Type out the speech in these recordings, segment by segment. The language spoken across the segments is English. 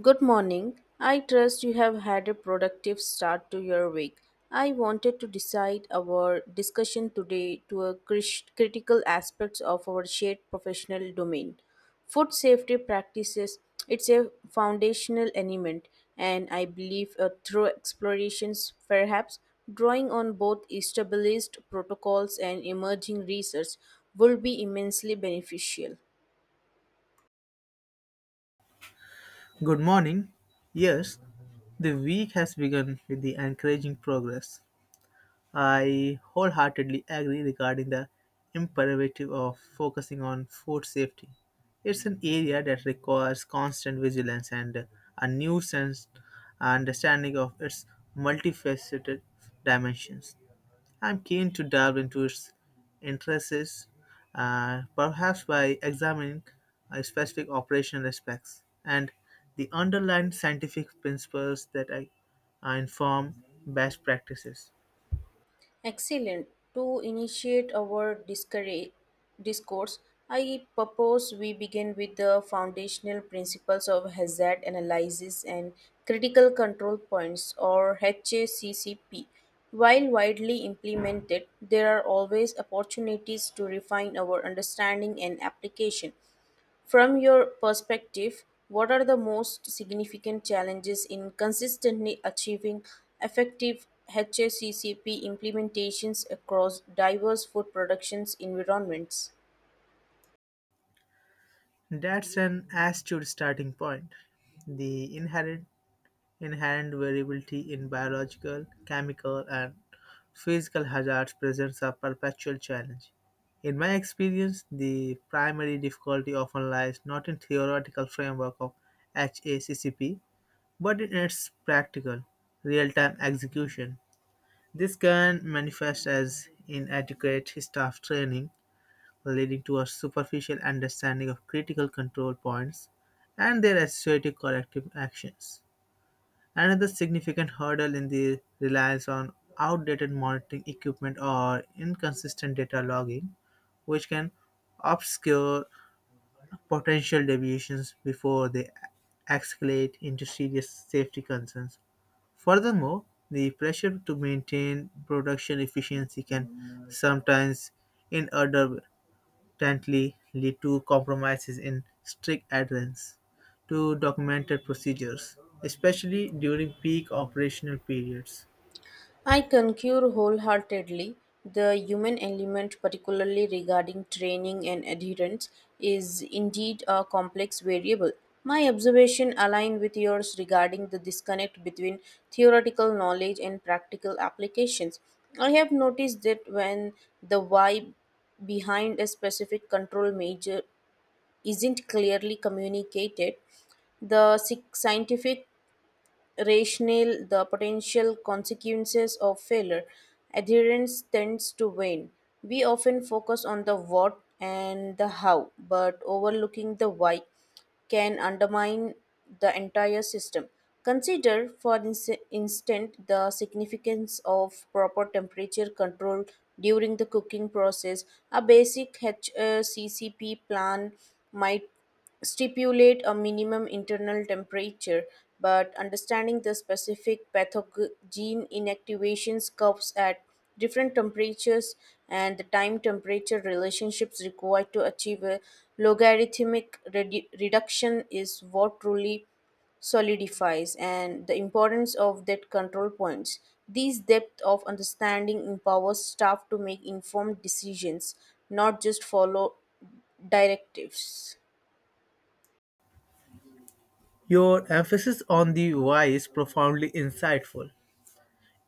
Good morning. I trust you have had a productive start to your week. I wanted to decide our discussion today to a critical aspects of our shared professional domain. Food safety practices, it's a foundational element and I believe through explorations perhaps drawing on both established protocols and emerging research will be immensely beneficial. Good morning. Yes, the week has begun with the encouraging progress. I wholeheartedly agree regarding the imperative of focusing on food safety. It's an area that requires constant vigilance and a new sense understanding of its multifaceted dimensions. I'm keen to delve into its interests, perhaps by examining specific operational aspects and the underlying scientific principles that I inform best practices. Excellent. To initiate our discourse, I propose we begin with the foundational principles of hazard analysis and critical control points or HACCP. While widely implemented, there are always opportunities to refine our understanding and application. From your perspective, what are the most significant challenges in consistently achieving effective HACCP implementations across diverse food productions environments? That's an astute starting point. The inherent variability in biological, chemical, and physical hazards presents a perpetual challenge. In my experience, the primary difficulty often lies not in theoretical framework of HACCP, but in its practical, real-time execution. This can manifest as inadequate staff training, leading to a superficial understanding of critical control points and their associated corrective actions. Another significant hurdle in the reliance on outdated monitoring equipment or inconsistent data logging, which can obscure potential deviations before they escalate into serious safety concerns. Furthermore, the pressure to maintain production efficiency can sometimes inadvertently ultimately lead to compromises in strict adherence to documented procedures, especially during peak operational periods. I concur wholeheartedly. The human element, particularly regarding training and adherence, is indeed a complex variable. My observation align with yours regarding the disconnect between theoretical knowledge and practical applications. I have noticed that when the why behind a specific control measure isn't clearly communicated, the scientific Rational the potential consequences of failure, adherence tends to wane. We often focus on the what and the how, but overlooking the why can undermine the entire system. Consider, for instance, the significance of proper temperature control during the cooking process. A basic HACCP plan might stipulate a minimum internal temperature, but understanding the specific pathogen inactivations curves at different temperatures and the time temperature relationships required to achieve a logarithmic reduction is what truly solidifies and the importance of that control points these depth of understanding empowers staff to make informed decisions not just follow directives. Your emphasis on the why is profoundly insightful.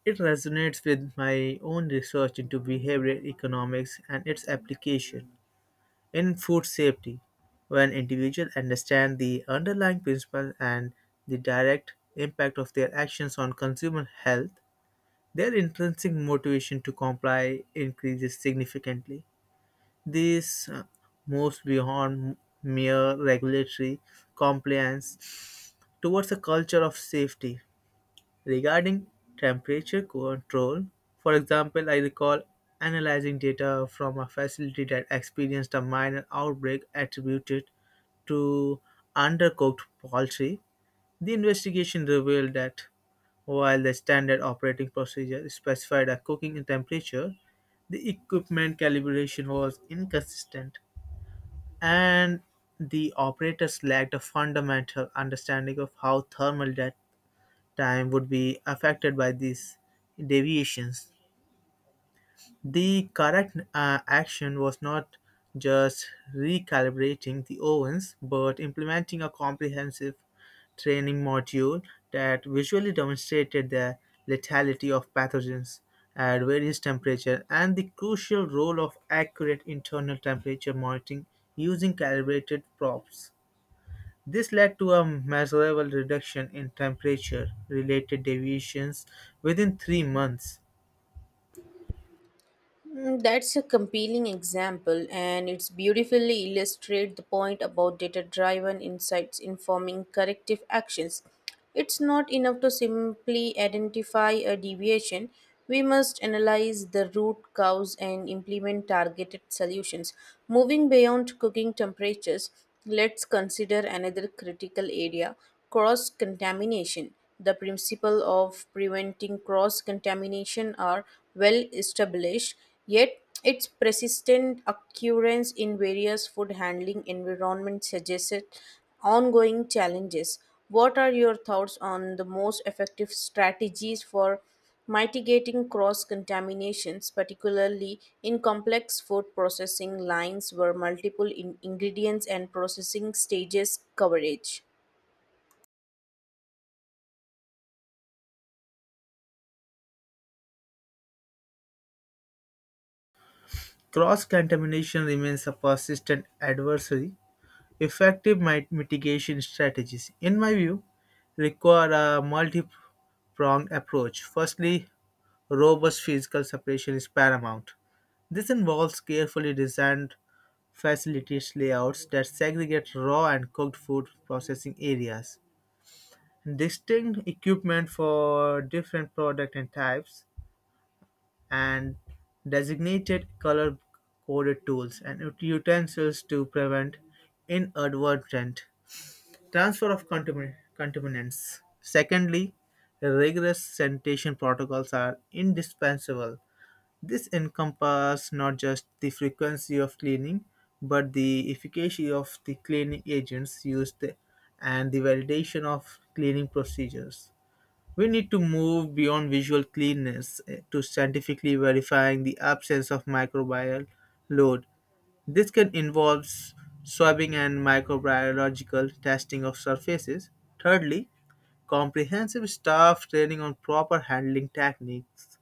It resonates with my own research into behavioral economics and its application in food safety. When individuals understand the underlying principle and the direct impact of their actions on consumer health, their intrinsic motivation to comply increases significantly. This moves beyond mere regulatory compliance towards a culture of safety. Regarding temperature control, for example, I recall analyzing data from a facility that experienced a minor outbreak attributed to undercooked poultry. The investigation revealed that while the standard operating procedure specified a cooking temperature, the equipment calibration was inconsistent and the operators lacked a fundamental understanding of how thermal time would be affected by these deviations. The correct action was not just recalibrating the ovens but implementing a comprehensive training module that visually demonstrated the lethality of pathogens at various temperatures and the crucial role of accurate internal temperature monitoring using calibrated probes. This led to a measurable reduction in temperature related deviations within 3 months. Mm, that's a compelling example, and it's beautifully illustrates the point about data-driven insights informing corrective actions. It's not enough to simply identify a deviation. We must analyze the root cause and implement targeted solutions. Moving beyond cooking temperatures, let's consider another critical area, cross-contamination. The principle of preventing cross contamination are well established. Yet, its persistent occurrence in various food handling environments suggests ongoing challenges. What are your thoughts on the most effective strategies for mitigating cross contaminations, particularly in complex food processing lines where multiple ingredients and processing stages coverage? Cross contamination remains a persistent adversary. Effective mitigation strategies, in my view, require a multi pronged approach. Firstly, robust physical separation is paramount. This involves carefully designed facilities layouts that segregate raw and cooked food processing areas, distinct equipment for different product and types, and designated color coded tools and utensils to prevent inadvertent transfer of contaminants. Secondly, rigorous sanitation protocols are indispensable. This encompasses not just the frequency of cleaning, but the efficacy of the cleaning agents used and the validation of cleaning procedures. We need to move beyond visual cleanness to scientifically verifying the absence of microbial load. This can involve swabbing and microbiological testing of surfaces. Thirdly, comprehensive staff training on proper handling techniques,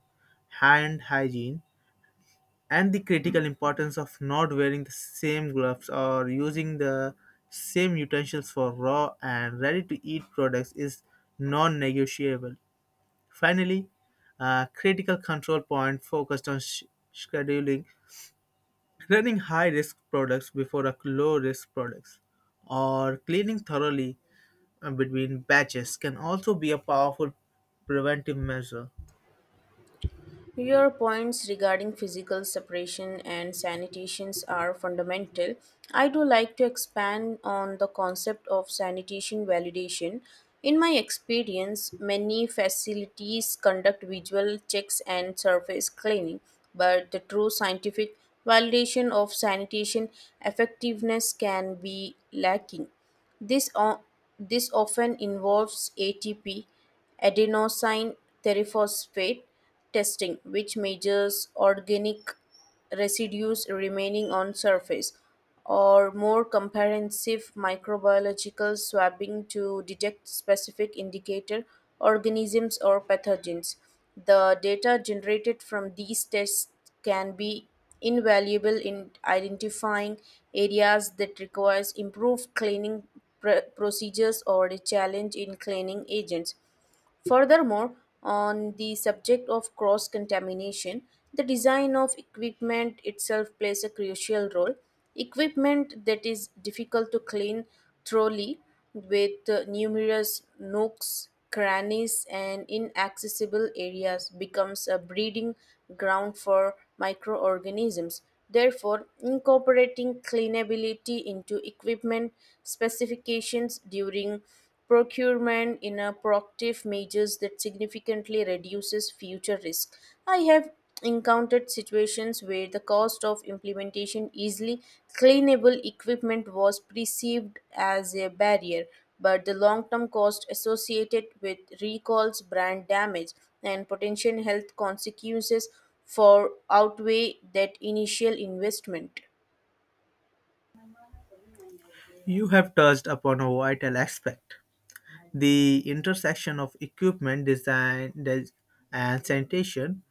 hand hygiene, and the critical importance of not wearing the same gloves or using the same utensils for raw and ready to eat products is non negotiable. Finally, a critical control point focused on scheduling, running high risk products before a low risk products, or cleaning thoroughly between batches can also be a powerful preventive measure. Your points regarding physical separation and sanitations are fundamental. I do like to expand on the concept of sanitation validation. In my experience, many facilities conduct visual checks and surface cleaning, but the true scientific validation of sanitation effectiveness can be lacking. This, o- this often involves ATP, adenosine triphosphate testing, which measures organic residues remaining on surface, or more comprehensive microbiological swabbing to detect specific indicator organisms or pathogens. The data generated from these tests can be invaluable in identifying areas that requires improved cleaning procedures or a challenge in cleaning agents. Furthermore, on the subject of cross contamination, the design of equipment itself plays a crucial role. Equipment that is difficult to clean thoroughly, with numerous nooks, crannies, and inaccessible areas, becomes a breeding ground for microorganisms. Therefore, incorporating cleanability into equipment specifications during procurement in a proactive measures that significantly reduces future risk. I have encountered situations where the cost of implementation easily cleanable equipment was perceived as a barrier, but the long-term cost associated with recalls, brand damage, and potential health consequences for outweigh that initial investment. You have touched upon a vital aspect, the intersection of equipment and sanitation.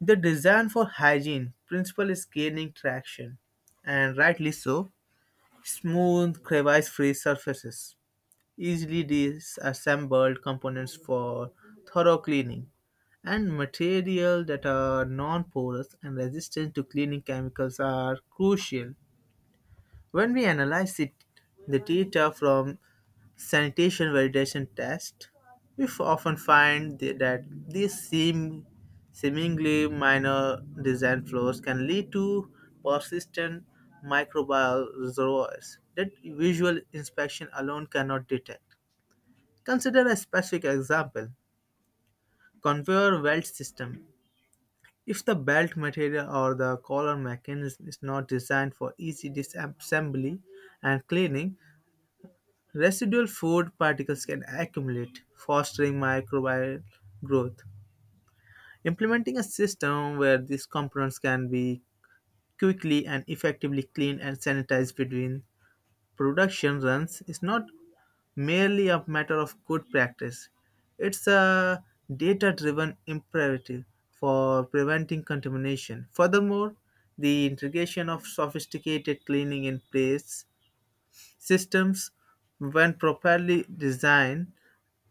The design for hygiene principle is gaining traction, and rightly so. Smooth crevice free surfaces, easily disassembled components for thorough cleaning, and material that are non-porous and resistant to cleaning chemicals are crucial. When we analyze it, the data from sanitation validation test, we often find that these seemingly minor design flaws can lead to persistent microbial reservoirs that visual inspection alone cannot detect. Consider a specific example, conveyor belt system. If the belt material or the collar mechanism is not designed for easy disassembly and cleaning, residual food particles can accumulate, fostering microbial growth. Implementing a system where these components can be quickly and effectively cleaned and sanitized between production runs is not merely a matter of good practice, it's a data driven imperative for preventing contamination. Furthermore, the integration of sophisticated cleaning in place systems, when properly designed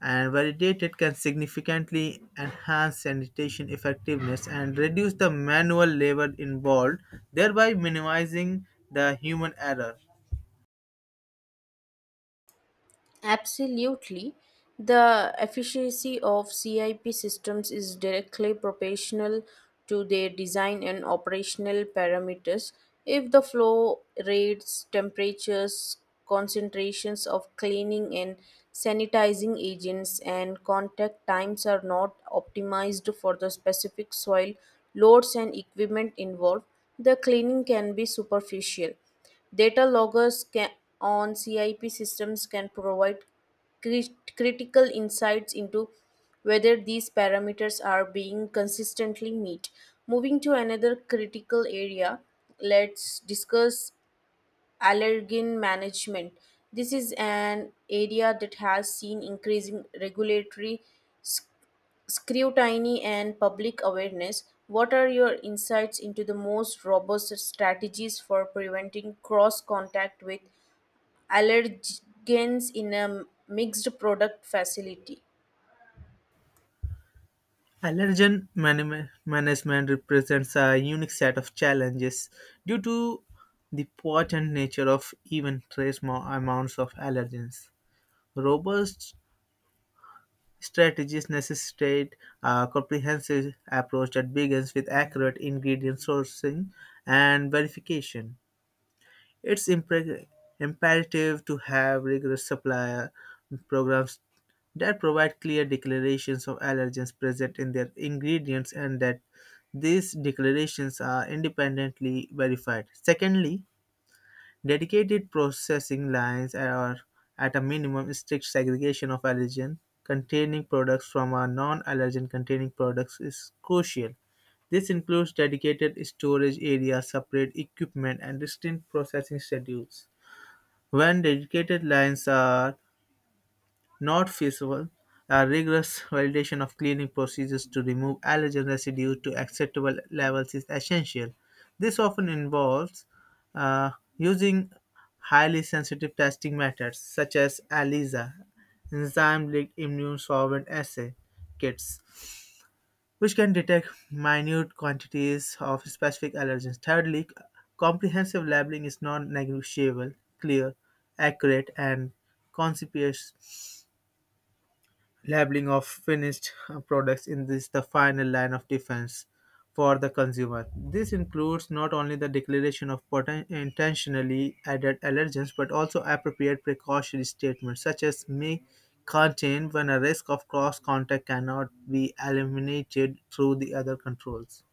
and validated, can significantly enhance sanitation effectiveness and reduce the manual labor involved, thereby minimizing the human error. Absolutely. The efficiency of CIP systems is directly proportional to their design and operational parameters. If the flow rates, temperatures, concentrations of cleaning and sanitizing agents, and contact times are not optimized for the specific soil loads and equipment involved, the cleaning can be superficial. Data loggers can, on CIP systems can provide critical insights into whether these parameters are being consistently met. Moving to another critical area, let's discuss allergen management. This is an area that has seen increasing regulatory scrutiny and public awareness. What are your insights into the most robust strategies for preventing cross contact with allergens in a mixed product facility? Allergen management represents a unique set of challenges due to the potent nature of even trace amounts of allergens. Robust strategies necessitate a comprehensive approach that begins with accurate ingredient sourcing and verification. It's imperative to have rigorous supplier programs that provide clear declarations of allergens present in their ingredients and that these declarations are independently verified. Secondly, dedicated processing lines or, at a minimum, strict segregation of allergen-containing products from a non-allergen-containing products is crucial. This includes dedicated storage areas, separate equipment, and distinct processing schedules. When dedicated lines are not feasible, a rigorous validation of cleaning procedures to remove allergen residue to acceptable levels is essential. This often involves uh, using highly sensitive testing methods such as ELISA, enzyme-linked immune solvent assay kits, which can detect minute quantities of specific allergens. Thirdly, comprehensive labeling is non-negotiable, clear, accurate, and conspicuous labeling of finished products in this the final line of defense for the consumer. This includes not only the declaration of intentionally added allergens but also appropriate precautionary statements such as may contain when a risk of cross contact cannot be eliminated through the other controls.